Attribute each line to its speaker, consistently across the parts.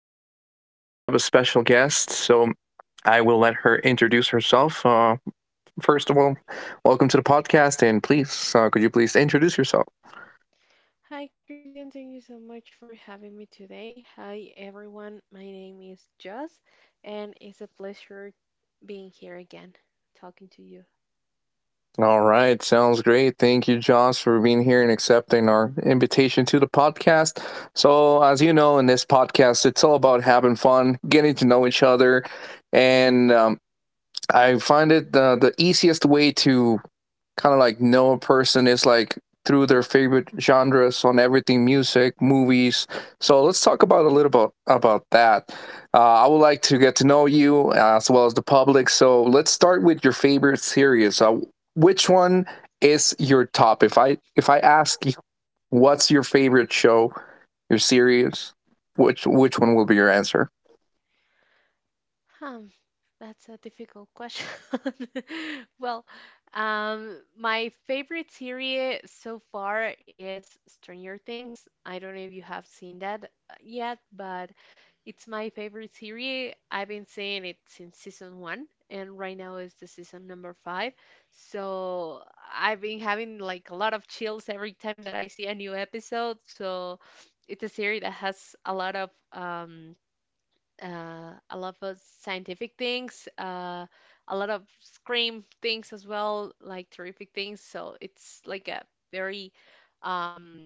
Speaker 1: special guest, so I will let her introduce herself. First of all, welcome to the podcast, and please, could you please introduce yourself?
Speaker 2: Hi, Christian. Thank you so much for having me today. Hi, everyone. My name is Jess, and it's a pleasure being here again, talking to you.
Speaker 1: All right, sounds great. Thank you, Josh, for being here and accepting our invitation to the podcast. So, as you know, in this podcast, it's all about having fun, getting to know each other, and I find it the easiest way to kind of like know a person is like through their favorite genres on everything, music, movies, so let's talk about a little bit about that. I would like to get to know you, as well as the public, so let's start with your favorite series. Uh, which one is your top? If I ask you what's your favorite show, your series, which one will be your answer?
Speaker 2: Hmm, that's a difficult question. Well, my favorite series so far is Stranger Things. I don't know if you have seen that yet, but it's my favorite series. I've been seeing it since season one, and right now is the season number five. So I've been having like a lot of chills every time that I see a new episode. So it's a series that has a lot of scientific things, a lot of scream things as well, like terrific things. So it's like a very um,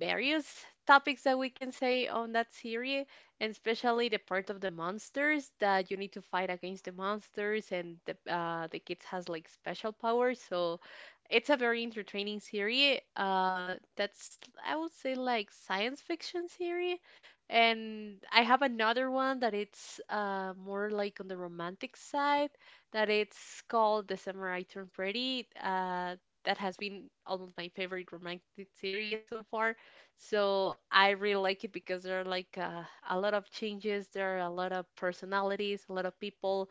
Speaker 2: various topics that we can say on that series, and especially the part of the monsters that you need to fight against the monsters, and the the kids has like special powers. So it's a very entertaining series. That's I would say like science fiction series, and I have another one that it's more like on the romantic side. That it's called The Samurai Turned Pretty. That has been almost my favorite romantic series so far, so I really like it because there are like a lot of changes, there are a lot of personalities, a lot of people,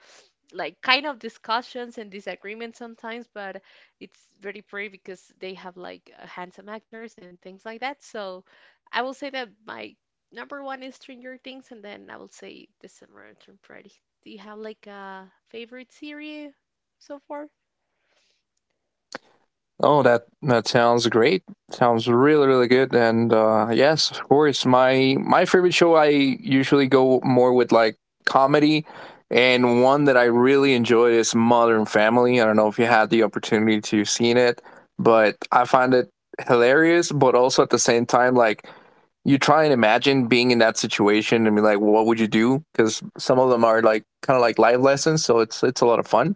Speaker 2: like kind of discussions and disagreements sometimes, but it's very pretty because they have like handsome actors and things like that. So I will say that my number one is Stranger Things, and then I will say The Summer Turned. Do you have like a favorite series so far?
Speaker 1: Oh, that sounds great. Sounds really good. And yes, of course, my favorite show. I usually go more with like comedy, and one that I really enjoy is Modern Family. I don't know if you had the opportunity to seen it, but I find it hilarious. But also at the same time, like you try and imagine being in that situation and be like, what would you do? Because some of them are like kind of like life lessons, so it's a lot of fun.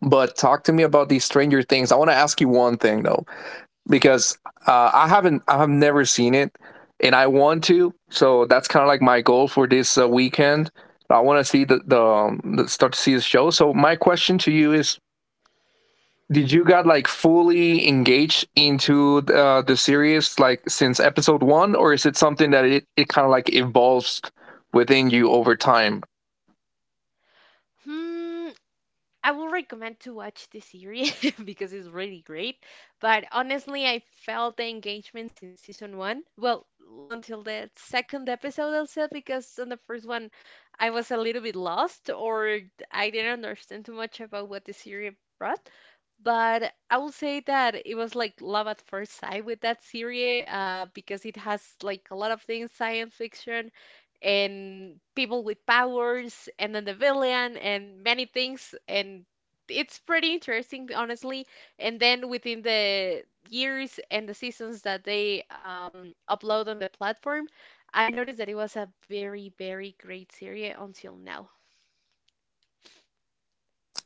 Speaker 1: But talk to me about these Stranger Things. I want to ask you one thing though, because I have never seen it, and I want to. So that's kind of like my goal for this weekend. I want to see start to see the show. So my question to you is: did you got like fully engaged into the series like since episode one, or is it something that it kind of like evolves within you over time?
Speaker 2: Hmm. I will recommend to watch the series because it's really great. But honestly, I felt the engagement since season one. Well, until the second episode, I'll say, because on the first one, I was a little bit lost or I didn't understand too much about what the series brought. But I will say that it was like love at first sight with that series because it has like a lot of things, science fiction and people with powers and then the villain and many things, and it's pretty interesting, honestly. And then within the years and the seasons that they upload on the platform, I noticed that it was a very great series until now.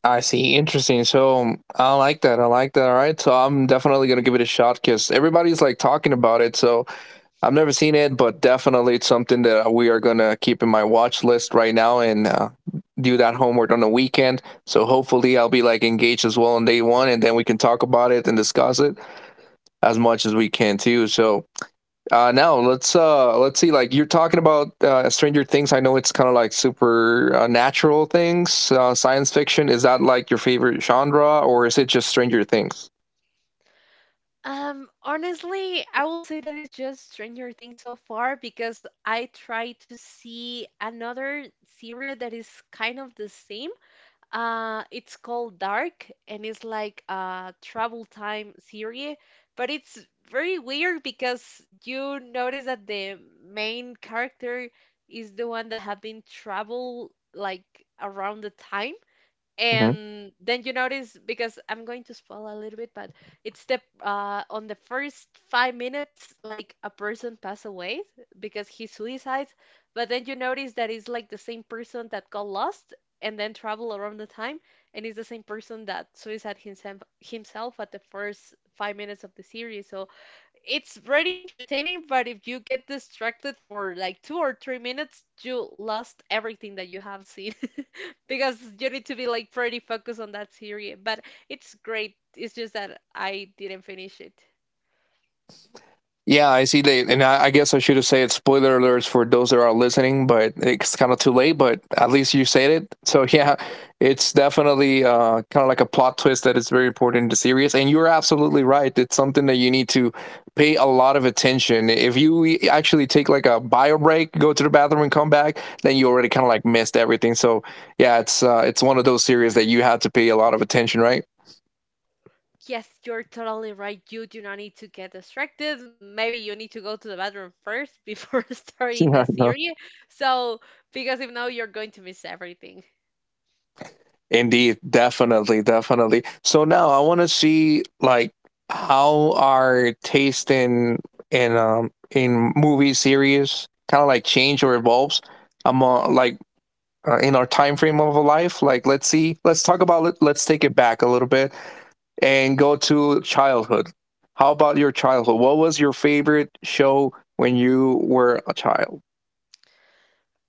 Speaker 1: I see. Interesting. So I like that. I like that. All right. So I'm definitely gonna give it a shot because everybody's like talking about it. So I've never seen it, but definitely it's something that we are gonna keep in my watch list right now and do that homework on the weekend. So hopefully I'll be like engaged as well on day one, and then we can talk about it and discuss it as much as we can too. So now let's let's see. Like you're talking about Stranger Things. I know it's kind of like supernatural things, science fiction. Is that like your favorite genre, or is it just Stranger Things?
Speaker 2: Honestly, I will say that it's just Stranger Things so far because I try to see another series that is kind of the same. It's called Dark, and it's like a travel time series, but it's very weird because you notice that the main character is the one that have been travel like around the time.
Speaker 1: Mm-hmm.
Speaker 2: And then you notice, because I'm going to spoil a little bit, but it's the on the first 5 minutes, like a person passed away because he suicides. But then you notice that it's like the same person that got lost and then travel around the time, and it's the same person that suicide himself at the first 5 minutes of the series. So it's very entertaining, but if you get distracted for like 2 or 3 minutes, you lost everything that you have seen because you need to be like pretty focused on that series. But it's great. It's just that I didn't finish it.
Speaker 1: Yeah, I see they, and I guess I should have said spoiler alerts for those that are listening, but it's kind of too late. But at least you said it, so yeah, it's definitely kind of like a plot twist that is very important in the series. And you're absolutely right; it's something that you need to pay a lot of attention. If you actually take like a bio break, go to the bathroom, and come back, then you already kind of like missed everything. So yeah, it's one of those series that you had to pay a lot of attention, right?
Speaker 2: Yes, you're totally right. You do not need to get distracted. Maybe you need to go to the bathroom first before starting the
Speaker 1: Yeah,
Speaker 2: series. So, because if no, you're going to miss everything.
Speaker 1: indeed, definitely, definitely. So now I want to see like how our taste in in movie series kind of like change or evolves among like in our time frame of a life. Like let's see, let's talk about it. Let's take it back a little bit and go to childhood. How about your childhood? What was your favorite show when you were a child?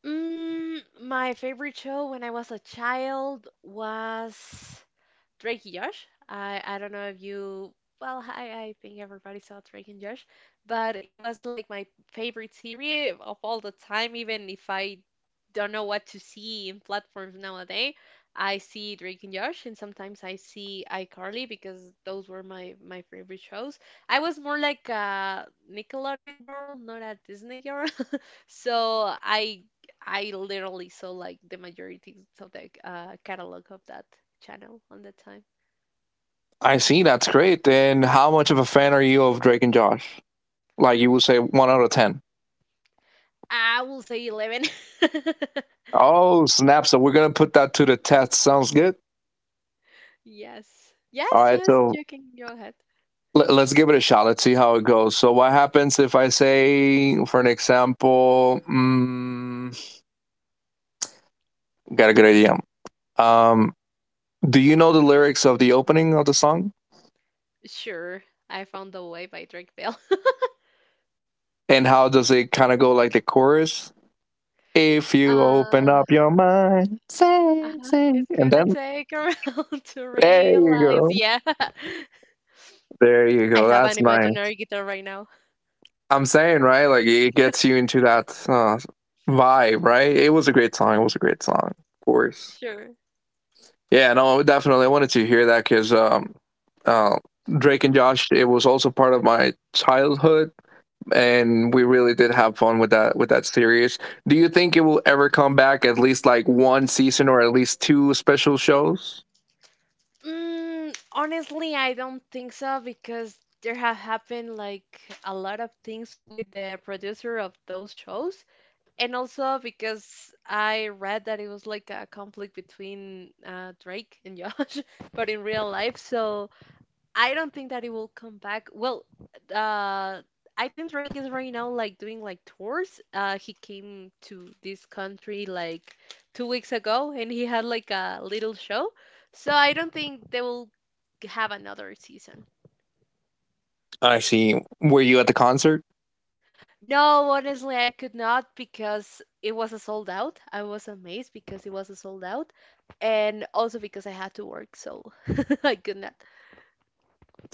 Speaker 2: Mm, my favorite show when I was a child was Drake and Josh. I don't know if you, well, I think everybody saw Drake and Josh, but it was like my favorite series of all the time. Even if I don't know what to see in platforms nowadays, I see Drake and Josh, and sometimes I see iCarly because those were my favorite shows. I was more like a Nickelodeon girl, not a Disney girl. So I literally saw like the majority of the catalog of that channel on the time.
Speaker 1: I see, that's great. Then how much of a fan are you of Drake and Josh? Like you would say, one out of ten.
Speaker 2: I will say 11.
Speaker 1: Oh, snap. So we're going to put that to the test. Sounds good.
Speaker 2: Yes.
Speaker 1: All
Speaker 2: Yes,
Speaker 1: right.
Speaker 2: yes,
Speaker 1: So
Speaker 2: you can go ahead.
Speaker 1: let's give it a shot. Let's see how it goes. So, what happens if I say, for an example, got a good idea. Um, do you know the lyrics of the opening of the song?
Speaker 2: Sure, I found the way by Drake Bell.
Speaker 1: And how does it kind of go like the chorus? If you open
Speaker 2: Uh,
Speaker 1: up your mind, say,
Speaker 2: uh-huh.
Speaker 1: say.
Speaker 2: It's
Speaker 1: And
Speaker 2: gonna
Speaker 1: then
Speaker 2: take around to
Speaker 1: there you
Speaker 2: realize.
Speaker 1: go.
Speaker 2: Yeah,
Speaker 1: There you
Speaker 2: I
Speaker 1: go.
Speaker 2: have an
Speaker 1: That's mine.
Speaker 2: imaginary guitar right now.
Speaker 1: I'm saying, right? Like it gets you into that vibe, right? It was a great song. It was a great song, of course.
Speaker 2: Sure.
Speaker 1: Yeah, no, definitely. I wanted to hear that because uh, Drake and Josh. It was also part of my childhood and we really did have fun with that, with that series. Do you think it will ever come back? At least like one season or at least two special shows.
Speaker 2: Mm, honestly, I don't think so because there have happened like a lot of things with the producer of those shows. And also because I read that it was like a conflict between Drake and Josh, but in real life, so I don't think that it will come back. Well, uh, I think Drake is right now like doing like tours. He came to this country like 2 weeks ago, and he had like a little show. So I don't think they will have another season.
Speaker 1: I see. Were you at the concert?
Speaker 2: No, honestly, I could not because it was a sold out. I was amazed because it was a sold out, and also because I had to work, so I could not.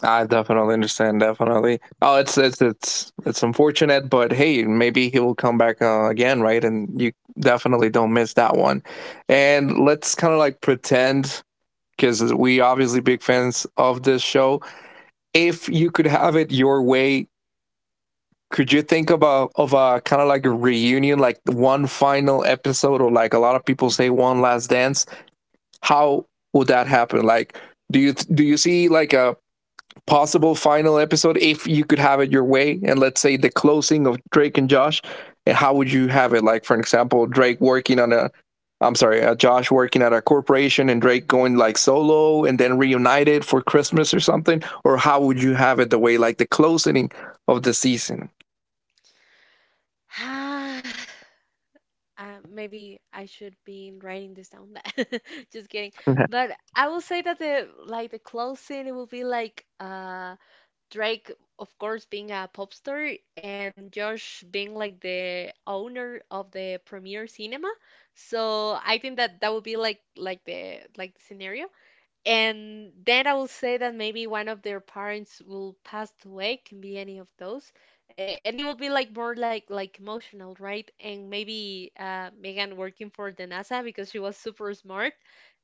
Speaker 1: I definitely understand. Definitely. Oh, it's unfortunate, but hey, maybe he will come back again, right? And you definitely don't miss that one. And let's kind of like pretend because we obviously big fans of this show. If you could have it your way, could you think about of a kind of like a reunion, like one final episode, or like a lot of people say, one last dance? How would that happen? Like, do you see like a possible final episode if you could have it your way, and let's say the closing of Drake and Josh? And how would you have it, like, for example, Drake working on a, I'm sorry, Josh working at a corporation and Drake going like solo and then reunited for Christmas or something, or how would you have it the way, like the closing of the season?
Speaker 2: Maybe I should be writing this down. Just kidding.
Speaker 1: Mm-hmm.
Speaker 2: But I will say that the like the closing it will be like Drake, of course, being a pop star, and Josh being like the owner of the Premier Cinema. So I think that would be like like the scenario. And then I will say that maybe one of their parents will pass away, can be any of those. And it will be like more like emotional, right? And maybe Megan working for the NASA because she was super smart,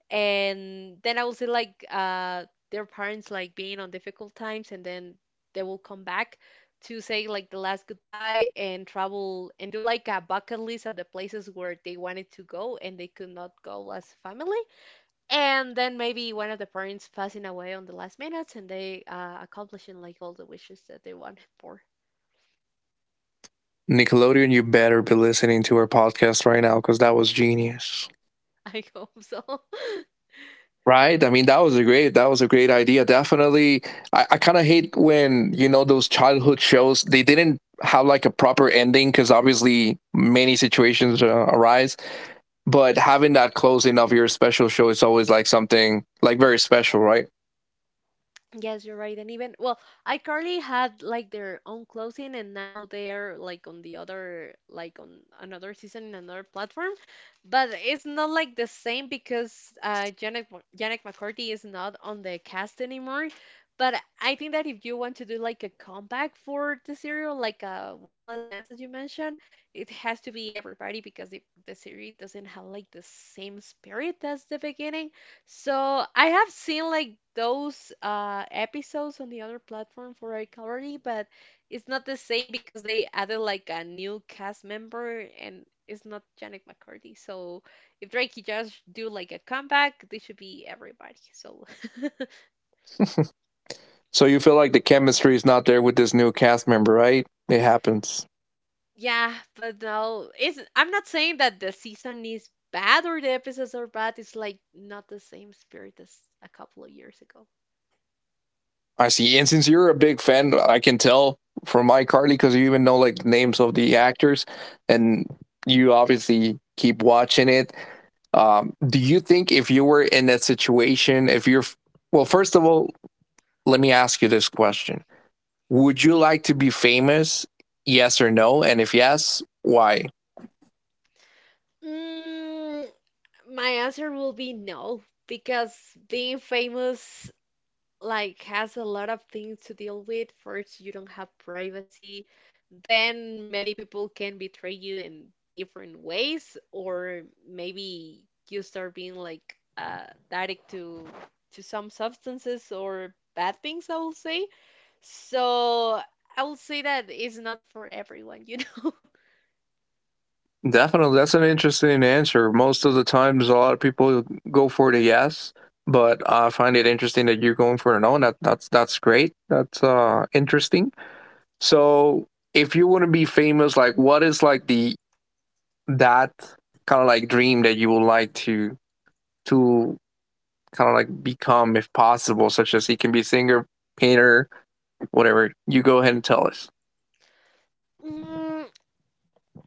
Speaker 2: and then I will see like their parents like being on difficult times, and then they will come back to say like the last goodbye and travel and do like a bucket list of the places where they wanted to go and they could not go as family, and then maybe one of the parents passing away on the last minutes and they accomplishing like all the wishes that they wanted for.
Speaker 1: Nickelodeon, you better be listening to our podcast right now, because that was genius.
Speaker 2: I hope so.
Speaker 1: Right. I mean, that was a great idea. Definitely. I kind of hate when, you know, those childhood shows, they didn't have like a proper ending because obviously many situations arise, but having that closing of your special show is always like something like very special, right?
Speaker 2: Yes, you're right. And even, well, iCarly had like their own closing and now they're like on the other, like on another season in another platform. But it's not like the same because Janet, Janet McCarthy is not on the cast anymore. But I think that if you want to do like a comeback for the serial, like One Last Dance, as you mentioned, it has to be everybody, because if the series doesn't have like the same spirit as the beginning, so I have seen like those episodes on the other platform for iCarly, but it's not the same because they added like a new cast member and it's not Janet McCurdy. So if Drake just do like a comeback, this should be everybody. So
Speaker 1: So you feel like the chemistry is not there with this new cast member, right? It happens.
Speaker 2: yeah, but no, it's, I'm not saying that the season is bad or the episodes are bad. It's like not the same spirit as a couple of years ago.
Speaker 1: I see. And since you're a big fan, I can tell from iCarly, because you even know like names of the actors and you obviously keep watching it. Do you think if you were in that situation, if you're, well, first of all, let me ask you this question. Would you like to be famous? Yes or no? And if yes, why?
Speaker 2: Mm, my answer will be no, because being famous like has a lot of things to deal with. First, you don't have privacy. Then many people can betray you in different ways, or maybe you start being like addict to some substances or bad things, I will say. So I will say that it's not for everyone, you know.
Speaker 1: Definitely, that's an interesting answer. Most of the times, a lot of people go for the yes, but I find it interesting that you're going for a no. That's great. That's interesting. So, if you want to be famous, like what is like the that kind of like dream that you would like to to kind of like become if possible, such as he can be singer, painter, whatever. You go ahead and tell us.
Speaker 2: Mm,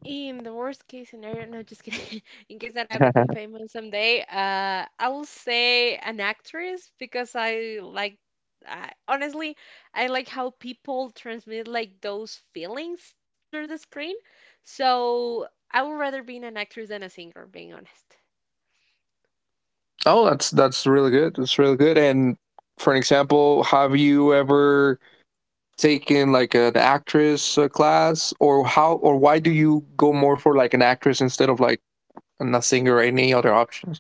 Speaker 2: in the worst case scenario, no, just kidding. In case that I become famous someday, I will say an actress because I like, honestly, I like how people transmit like those feelings through the screen. So I would rather be an actress than a singer, being honest.
Speaker 1: Oh, that's really good. That's really good. And for an example, have you ever taken like an actress class, or how, or why do you go more for like an actress instead of like a singer or any other options?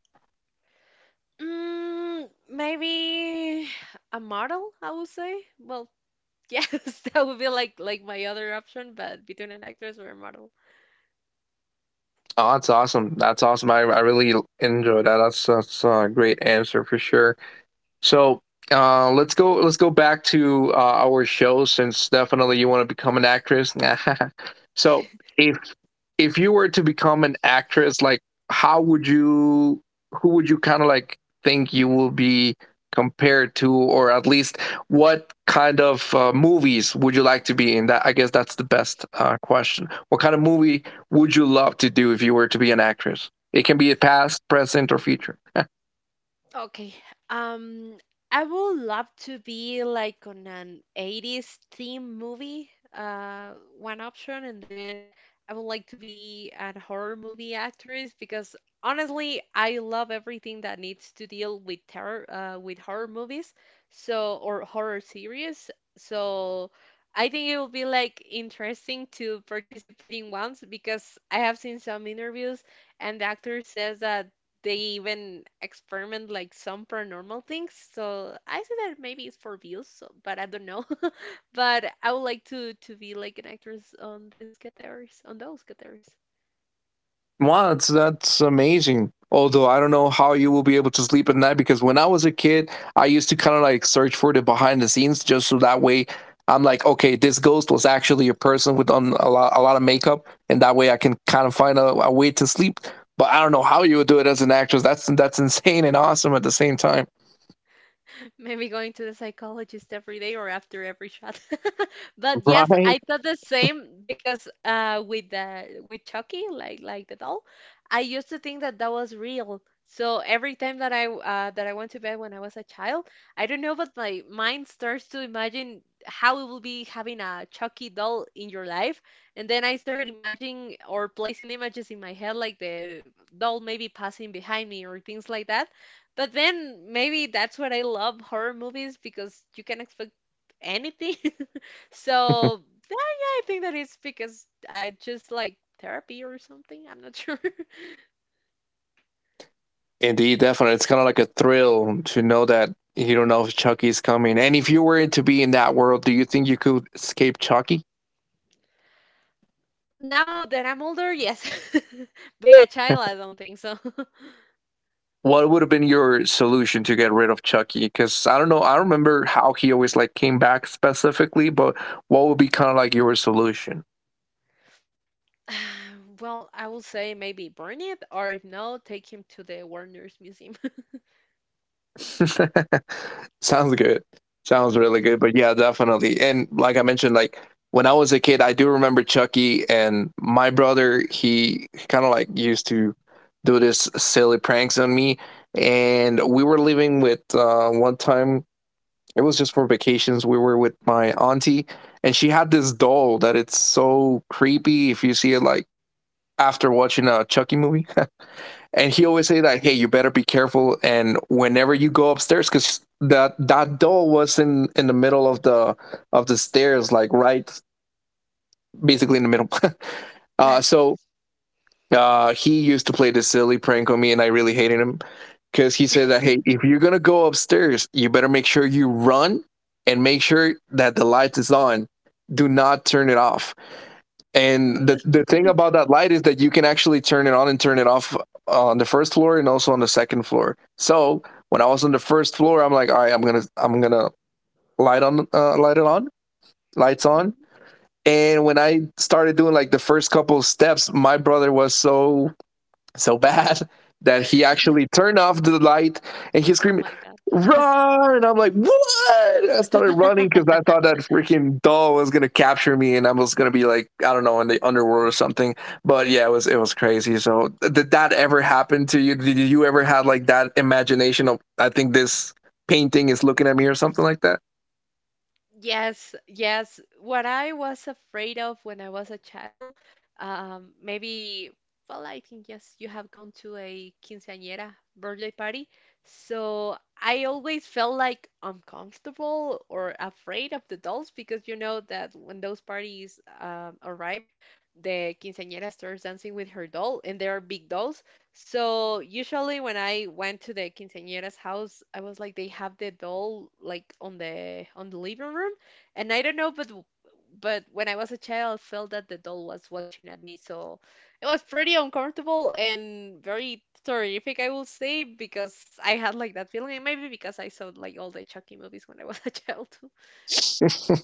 Speaker 2: Mm, maybe a model, I would say. Well, yes, that would be like my other option, but between an actress or a model.
Speaker 1: Oh, that's awesome. That's awesome. I really enjoy that. That's a great answer for sure. So let's go. Let's go back to our show, since definitely you want to become an actress. So if if you were to become an actress, like how would you, who would you kind of like think you will be compared to, or at least what kind of movies would you like to be in? That I guess that's the best question. What kind of movie would you love to do if you were to be an actress? It can be a past, present or future.
Speaker 2: Okay. Um, I would love to be like on an 80s theme movie, one option, and then I would like to be an horror movie actress because honestly, I love everything that needs to deal with terror, with horror movies, so, or horror series. So I think it will be like interesting to participate in once because I have seen some interviews and the actor says that they even experiment like some paranormal things. So I say that maybe it's for views, so, but I don't know. But I would like to be like an actress on these categories, on those categories.
Speaker 1: Wow, that's amazing. Although I don't know how you will be able to sleep at night, because when I was a kid, I used to kind of like search for the behind the scenes just so that way I'm like, okay, this ghost was actually a person with on a lot of makeup, and that way I can kind of find a way to sleep. But I don't know how you would do it as an actress. That's insane and awesome at the same time.
Speaker 2: Maybe going to the psychologist every day or after every shot. But yes,
Speaker 1: Right?
Speaker 2: I thought the same because with the with Chucky, like the doll, I used to think that that was real. So every time that I went to bed when I was a child, I don't know, but my mind starts to imagine how it will be having a Chucky doll in your life, and then I started imagining or placing images in my head like the doll maybe passing behind me or things like that. But then maybe that's what I love horror movies because you can expect anything. So, yeah, I think that is because I just like therapy or something. I'm not sure.
Speaker 1: Indeed, definitely. It's kind of like a thrill to know that you don't know if Chucky's coming. And if you were to be in that world, do you think you could escape Chucky?
Speaker 2: Now that I'm older, yes. Being a child, I don't think so.
Speaker 1: What would have been your solution to get rid of Chucky? Because I don't know, I remember how he always like came back specifically, but what would be kind of like your solution?
Speaker 2: Ah, well, I will say maybe burn it, or if no, take him to the Warner's Museum.
Speaker 1: Sounds good. Sounds really good. But yeah, definitely. And like I mentioned, like when I was a kid, I do remember Chucky. And my brother, he kind of like used to do this silly pranks on me. And we were living with one time it was just for vacations. We were with my auntie, and she had this doll that it's so creepy if you see it like after watching a Chucky movie. And he always say that, "Hey, you better be careful." And whenever you go upstairs, because that doll was in the middle of the stairs, like right, basically in the middle. So he used to play this silly prank on me, and I really hated him because he said that, hey, if you're gonna go upstairs, you better make sure you run and make sure that the light is on. Do not turn it off. And the thing
Speaker 2: Mhm.
Speaker 1: about that light is that you can actually turn it on and turn it off on the first floor and also on the second floor. So when I was on the first floor, I'm like, all right, I'm gonna light on light it on, lights on. And when I started doing like the first couple steps, my brother was so bad that he actually turned off the light and he's
Speaker 2: Oh
Speaker 1: screaming,
Speaker 2: my God.
Speaker 1: run! And I'm like, what? I started running because I thought that freaking doll was gonna capture me, and I was gonna be like, I don't know, in the underworld or something. But yeah, it was crazy. So did that ever happen to you? Did you ever have like that imagination of, I think this painting is looking at me or something like that?
Speaker 2: Yes, yes. What I was afraid of when I was a child, maybe, well, I think yes, you have gone to a quinceañera birthday party. So I always felt like uncomfortable or afraid of the dolls because you know that when those parties arrive, the quinceañera starts dancing with her doll and they are big dolls. So usually when I went to the quinceañera's house, I was like they have the doll like on the living room, and I don't know, but when I was a child, I felt that the doll was watching at me, so it was pretty uncomfortable and very terrific, I will say, because I had like that feeling, and maybe because I saw like all the Chucky movies when I was a child.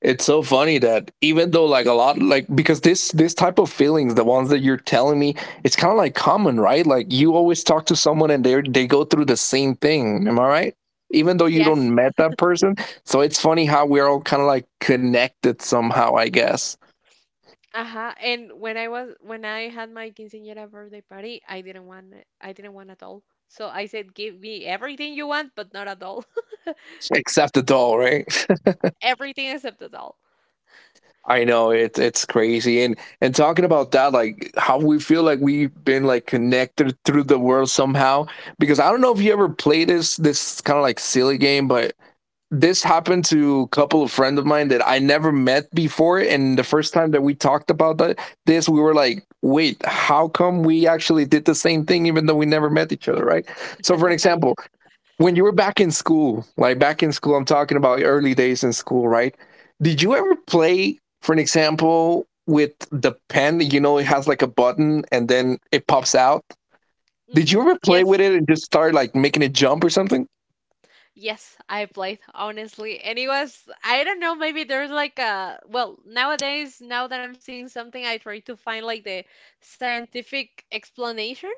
Speaker 1: It's so funny that even though like a lot like because this type of feelings, the ones that you're telling me, it's kind of like common, right? Like you always talk to someone and they go through the same thing, am I right? Even though you
Speaker 2: Yes.
Speaker 1: don't met that person. So it's funny how we're all kind of like connected somehow, I guess.
Speaker 2: Uh-huh. And when I had my quinceañera birthday party, I didn't want it. I didn't want a doll. So I said, give me everything you want, but not a doll.
Speaker 1: Except the doll, right?
Speaker 2: Everything except a doll.
Speaker 1: I know it's crazy. And talking about that, like how we feel like we've been like connected through the world somehow, because I don't know if you ever play this kind of like silly game, but this happened to a couple of friends of mine that I never met before. And the first time that we talked about that, this, we were like, wait, how come we actually did the same thing even though we never met each other, right? So, for an example,
Speaker 2: Yes.
Speaker 1: when you were back in school, like back in school, I'm talking about early days in school, right? Did you ever play, for an example, with the pen? You know, it has like a button and then it
Speaker 2: Yeah.
Speaker 1: pops out. Did
Speaker 2: hmm
Speaker 1: you ever play
Speaker 2: Yes.
Speaker 1: with it and just start like making it jump or something?
Speaker 2: Yes, I played, honestly. And it was, I don't know, maybe there's like a, well, nowadays, now that I'm seeing something, I try to find like the scientific explanation,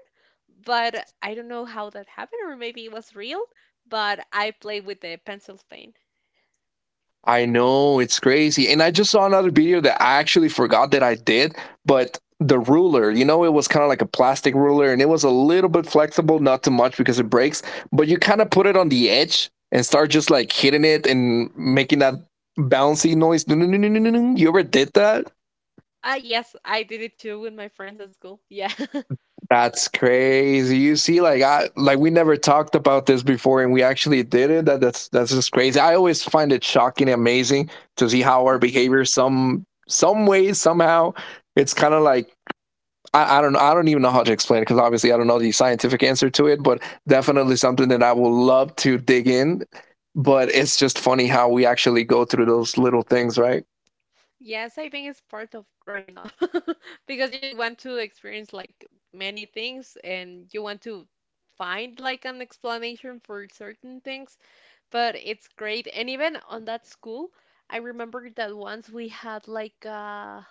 Speaker 2: but I don't know how that happened, or maybe it was real, but I played with the pencil stain.
Speaker 1: I know it's crazy. And I just saw another video that I actually forgot that I did, but the ruler, you know, it was kind of like a plastic ruler and it was a little bit flexible, not too much because it breaks, but you kind of put it on the edge and start just like hitting it and making that bouncy noise. You ever did that?
Speaker 2: Ah, yes, I did it too with my friends at school. Yeah.
Speaker 1: That's crazy. You see, like I like we never talked about this before, and we actually did it. That's just crazy. I always find it shocking and amazing to see how our behavior some ways, somehow it's kind of like, I don't know, I don't even know how to explain it because obviously I don't know the scientific answer to it, but definitely something that I would love to dig in. But it's just funny how we actually go through those little things, right?
Speaker 2: Yes, I think it's part of growing up because you want to experience like many things and you want to find like an explanation for certain things, but it's great. And even on that school, I remember that once we had like a,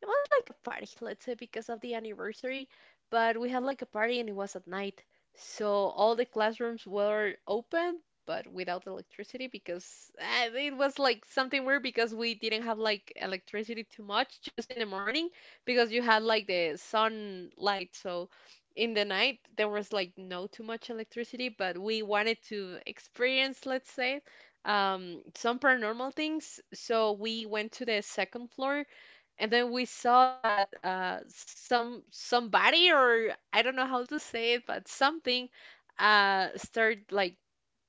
Speaker 2: it was like a party, let's say, because of the anniversary, but we had like a party and it was at night. So all the classrooms were open, but without electricity because it was like something weird because we didn't have like electricity too much just in the morning because you had like the sunlight. So in the night there was like no too much electricity, but we wanted to experience, let's say, some paranormal things. So we went to the second floor and then we saw that somebody or I don't know how to say it, but something started like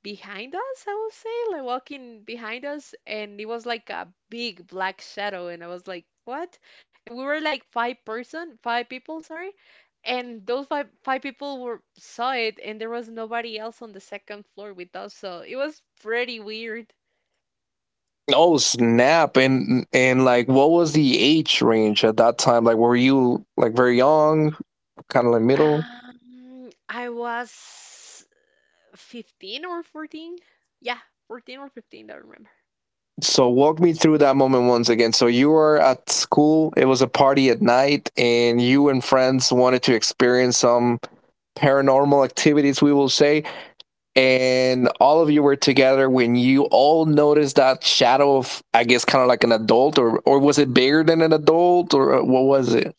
Speaker 2: behind us, I will say, like walking behind us, and it was like a big black shadow, and I was like, what? And we were like five people, sorry, and those five people were saw it, and there was nobody else on the second floor with us, so it was pretty weird.
Speaker 1: Oh snap! And like, what was the age range at that time? Like, were you like very young, kind of like middle?
Speaker 2: I was 15 or 14. Yeah, 14 or 15, I don't remember.
Speaker 1: So walk me through that moment once again. So you were at school. It was a party at night, and you and friends wanted to experience some paranormal activities. We will say. And all of you were together when you all noticed that shadow of, I guess, kind of like an adult, or was it bigger than an adult, or what was it?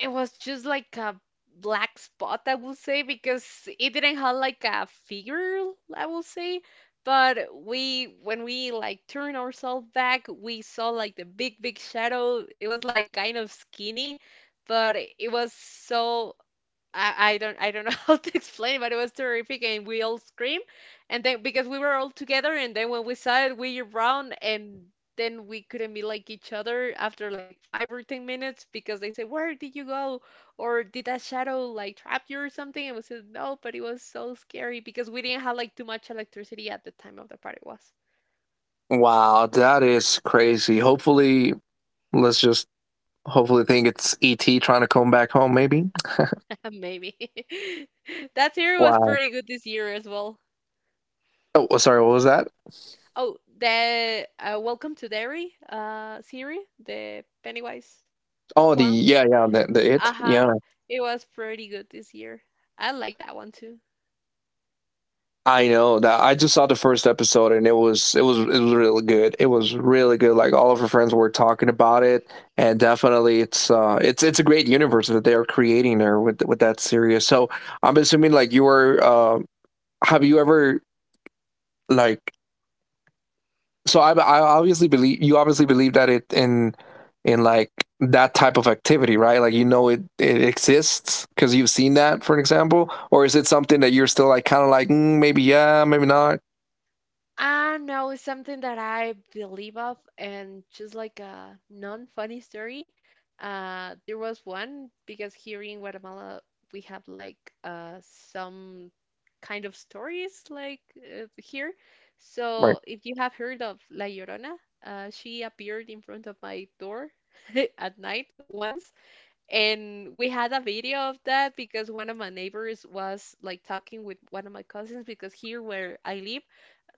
Speaker 2: It was just like a black spot, I would say, because it didn't have like a figure, I would say. But we, when we like turned ourselves back, we saw like the big, big shadow. It was like kind of skinny, but it was so I don't know how to explain, but it was terrific, and we all screamed, and then because we were all together, and then when we saw it, we ran, and then we couldn't be like each other after like 5 or 10 minutes because they said, "Where did you go?" or "Did that shadow like trap you or something?" And we said, "No," but it was so scary because we didn't have like too much electricity at the time of the party was.
Speaker 1: Wow, that is crazy. Hopefully, let's just hopefully think it's ET trying to come back home, maybe.
Speaker 2: Maybe that year was
Speaker 1: Wow.
Speaker 2: pretty good this year as well.
Speaker 1: Oh sorry, what was that?
Speaker 2: Oh, the Welcome to Derry series, the Pennywise
Speaker 1: Oh, the,
Speaker 2: clown.
Speaker 1: yeah, yeah, the it.
Speaker 2: Uh-huh.
Speaker 1: Yeah,
Speaker 2: It was pretty good this year. I like that one too.
Speaker 1: I know that. I just saw the first episode and it was it was really good. It was really good. Like all of her friends were talking about it, and definitely it's a great universe that they are creating there with that series. So I'm assuming like you were have you ever like so I obviously believe you obviously believe that it in like that type of activity, right? Like, you know it it exists because you've seen that, for an example, or is it something that you're still like kind of like, mm, maybe yeah, maybe not?
Speaker 2: I know it's something that I believe of, and just like a non-funny story, there was one because here in Guatemala we have like some kind of stories like here.
Speaker 1: Right.
Speaker 2: So if you have heard of La Llorona, she appeared in front of my door at night once, and we had a video of that because one of my neighbors was like talking with one of my cousins because here where I live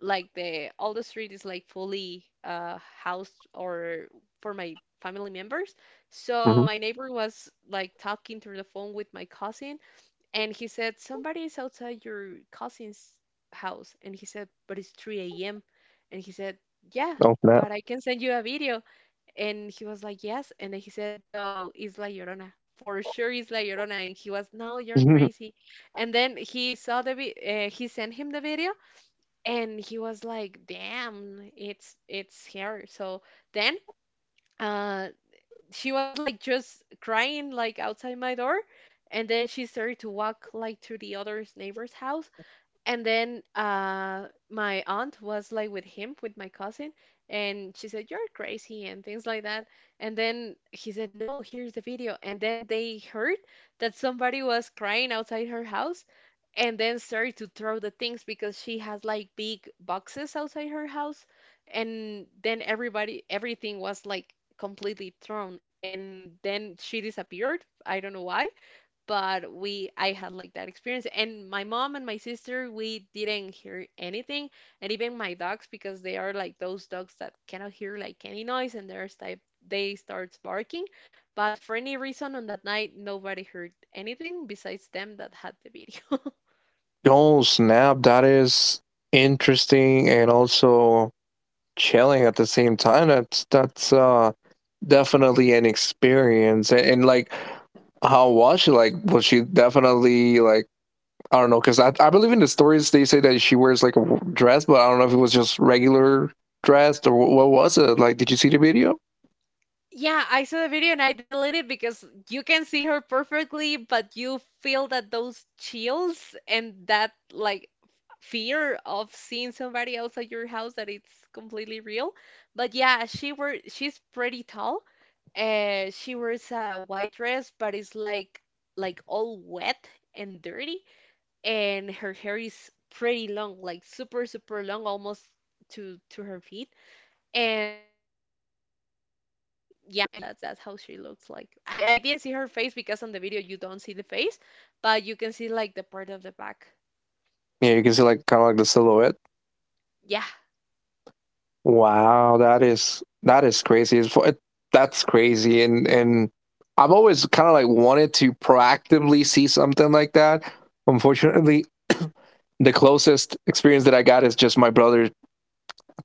Speaker 2: like the all the street is like fully housed or for my family members. So
Speaker 1: Mm-hmm.
Speaker 2: my neighbor was like talking through the phone with my cousin and he said somebody is outside your cousin's house and he said but it's 3 a.m. and he said yeah
Speaker 1: Oh snap!
Speaker 2: but I can send you a video and he was like yes and then he said no it's La Llorona for sure it's La Llorona and he was no you're crazy and then he saw he sent him the video and he was like damn it's her so then uh she was like just crying like outside my door and then she started to walk like to the other neighbor's house and then my aunt was like with him, with my cousin, and she said, you're crazy, and things like that. And then he said, no, here's the video. And then they heard that somebody was crying outside her house and then started to throw the things because she has like big boxes outside her house. And then everybody, everything was like completely thrown. And then she disappeared. I don't know why but we I had like that experience and my mom and my sister we didn't hear anything and even my dogs because they are like those dogs that cannot hear like any noise and they starts barking but for any reason on that night nobody heard anything besides them that had the video.
Speaker 1: Oh snap! That is interesting and also chilling at the same time. That's definitely an experience. And like how was she, like was she definitely like, I don't know, because I believe in the stories they say that she wears like a dress, but I don't know if it was just regular dress or what was it. Like, did you see the video?
Speaker 2: Yeah, I saw the video and I deleted because you can see her perfectly, but you feel that those chills and that like fear of seeing somebody else at your house that it's completely real. But yeah, she's pretty tall. She wears a white dress, but it's like all wet and dirty, and her hair is pretty long, like super super long, almost to her feet and yeah, and yeah, that's how she looks like. I didn't see her face because on the video you don't see the face, but you can see like the part of the back.
Speaker 1: Yeah, you can see like kind of like the silhouette.
Speaker 2: Yeah.
Speaker 1: Wow, that is crazy. That's crazy. And I've always kind of like wanted to proactively see something like that. Unfortunately, the closest experience that I got is just my brother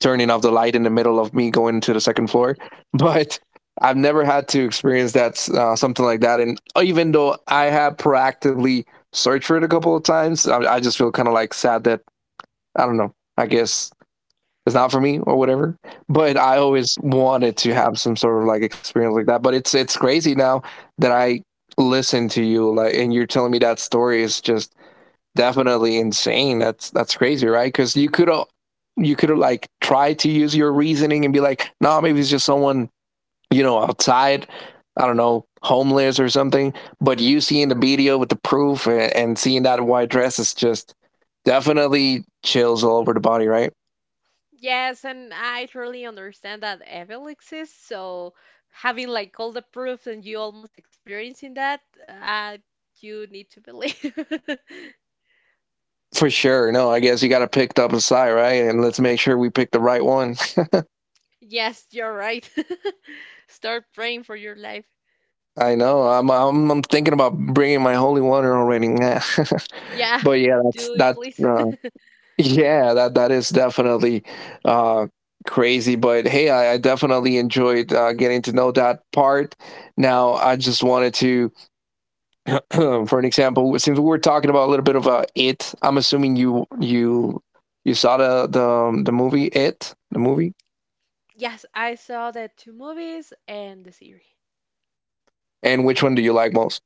Speaker 1: turning off the light in the middle of me going to the second floor. But I've never had to experience that something like that. And even though I have proactively searched for it a couple of times, I just feel kind of like sad that I don't know. I guess it's not for me or whatever. But I always wanted to have some sort of like experience like that. But it's crazy now that I listen to you, like, and you're telling me that story is just definitely insane. That's crazy, right? Because you could like try to use your reasoning and be like, no, nah, maybe it's just someone you know outside. I don't know, homeless or something. But you seeing the video with the proof, and seeing that white dress is just definitely chills all over the body, right?
Speaker 2: Yes, and I truly understand that evil exists, so having like all the proofs and you almost experiencing that, uh, you need to believe.
Speaker 1: For sure. No, I guess you got to pick up a side, right? And let's make sure we pick the right one.
Speaker 2: Yes, you're right. Start praying for your life.
Speaker 1: I know. I'm thinking about bringing my holy water already.
Speaker 2: Yeah,
Speaker 1: But yeah,
Speaker 2: do it,
Speaker 1: that's
Speaker 2: please.
Speaker 1: uh, yeah, that that is definitely uh crazy, but hey, I definitely enjoyed getting to know that part. Now, I just wanted to, for an example, since we were talking about a little bit of it, I'm assuming you saw the movie It, the movie,
Speaker 2: Yes, I saw the two movies and the series.
Speaker 1: and which one do you like most?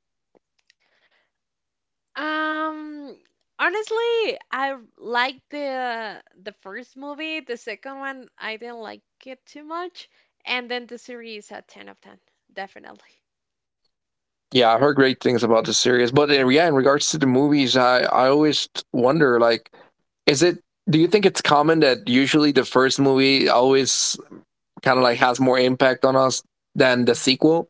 Speaker 2: Um, honestly, I liked the first movie. The second one, I didn't like it too much, and then the series a 10 of 10, definitely.
Speaker 1: Yeah, I've heard great things about the series, but in, yeah, in regards to the movies, I always wonder like, is it? Do you think it's common that usually the first movie always kind of like has more impact on us than the sequel?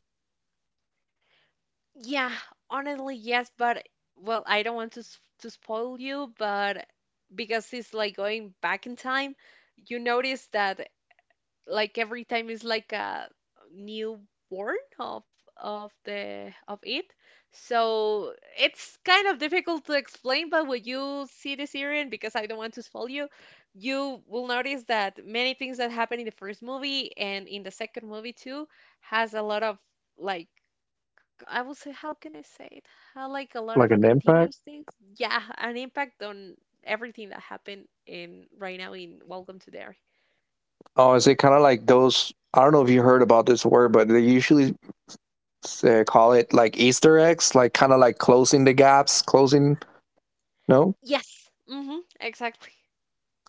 Speaker 2: Yeah, honestly, yes, but well, I don't want to to spoil you, but because it's like going back in time, you notice that like every time is like a newborn of of the of it. So it's kind of difficult to explain, but when you see the series, and because I don't want to spoil you, you will notice that many things that happen in the first movie and in the second movie too has a lot of like I will say how can I say it? How like a lot of
Speaker 1: Like an impact?
Speaker 2: continuous things. Yeah, an impact on everything that happened in right now in Welcome to the.
Speaker 1: Oh, is it kind of like those? I don't know if you heard about this word, but they usually call it like Easter eggs, like kind of like closing the gaps, closing. No,
Speaker 2: Yes. hmm Exactly.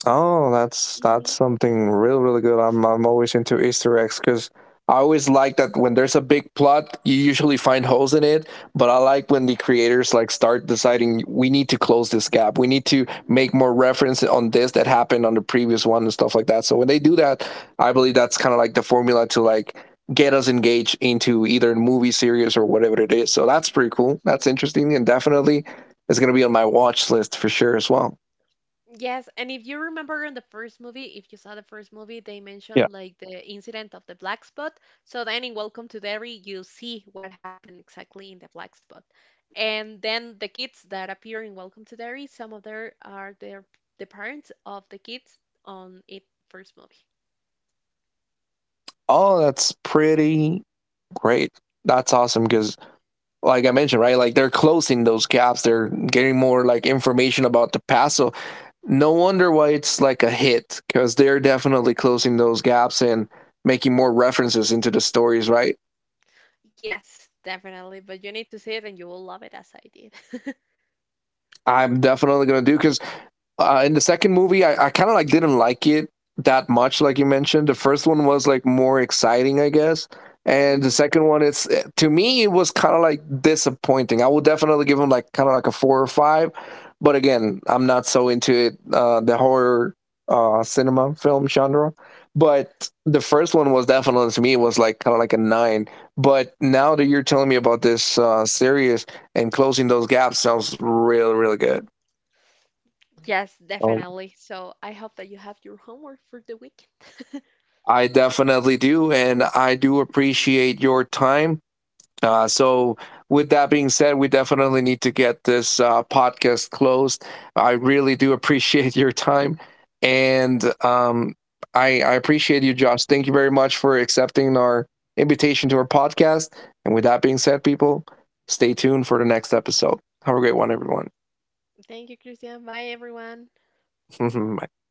Speaker 1: oh, that's
Speaker 2: hmm
Speaker 1: something real really good. I'm always into Easter eggs because I always like that when there's a big plot, you usually find holes in it. But I like when the creators like start deciding, we need to close this gap. We need to make more reference on this that happened on the previous one and stuff like that. So when they do that, I believe that's kind of like the formula to like get us engaged into either a movie series or whatever it is. So that's pretty cool. That's interesting and definitely it's gonna be on my watch list for sure as well.
Speaker 2: Yes, and if you remember in the first movie, if you saw the first movie, they
Speaker 1: Yeah.
Speaker 2: mentioned like the incident of the black spot. So then in Welcome to Derry, you see what happened exactly in the black spot. And then the kids that appear in Welcome to Derry, some of them are their the parents of the kids on it first movie.
Speaker 1: Oh, that's pretty great. That's awesome because, like I mentioned, right? Like they're closing those gaps. They're getting more like information about the past. So no wonder why it's like a hit, because they're definitely closing those gaps and making more references into the stories, right?
Speaker 2: Yes, definitely. But you need to see it and you will love it as I did.
Speaker 1: I'm definitely gonna do because in the second movie, I kind of like didn't like it that much, like you mentioned. The first one was like more exciting, I guess, and the
Speaker 2: Mhm.
Speaker 1: second one, it's eh, to me, it was kind of like disappointing. I would definitely give him like kind of like a four or five, but again, I'm not so into it. The horror cinema film genre, but the first one was definitely, to me it was like kind of like a nine. But now that you're telling me about this series and closing those gaps sounds really really good.
Speaker 2: Yes,
Speaker 1: Um,
Speaker 2: definitely. So I hope that you have your homework for the weekend.
Speaker 1: I definitely do, and I do appreciate your time. So, with that being said, we definitely need to get this podcast closed. I really do appreciate your time, and I appreciate you, Josh. Thank you very much for accepting our invitation to our podcast. And with that being said, people, stay tuned for the next episode. Have a great one, everyone.
Speaker 2: Thank you, Christian. Bye, everyone.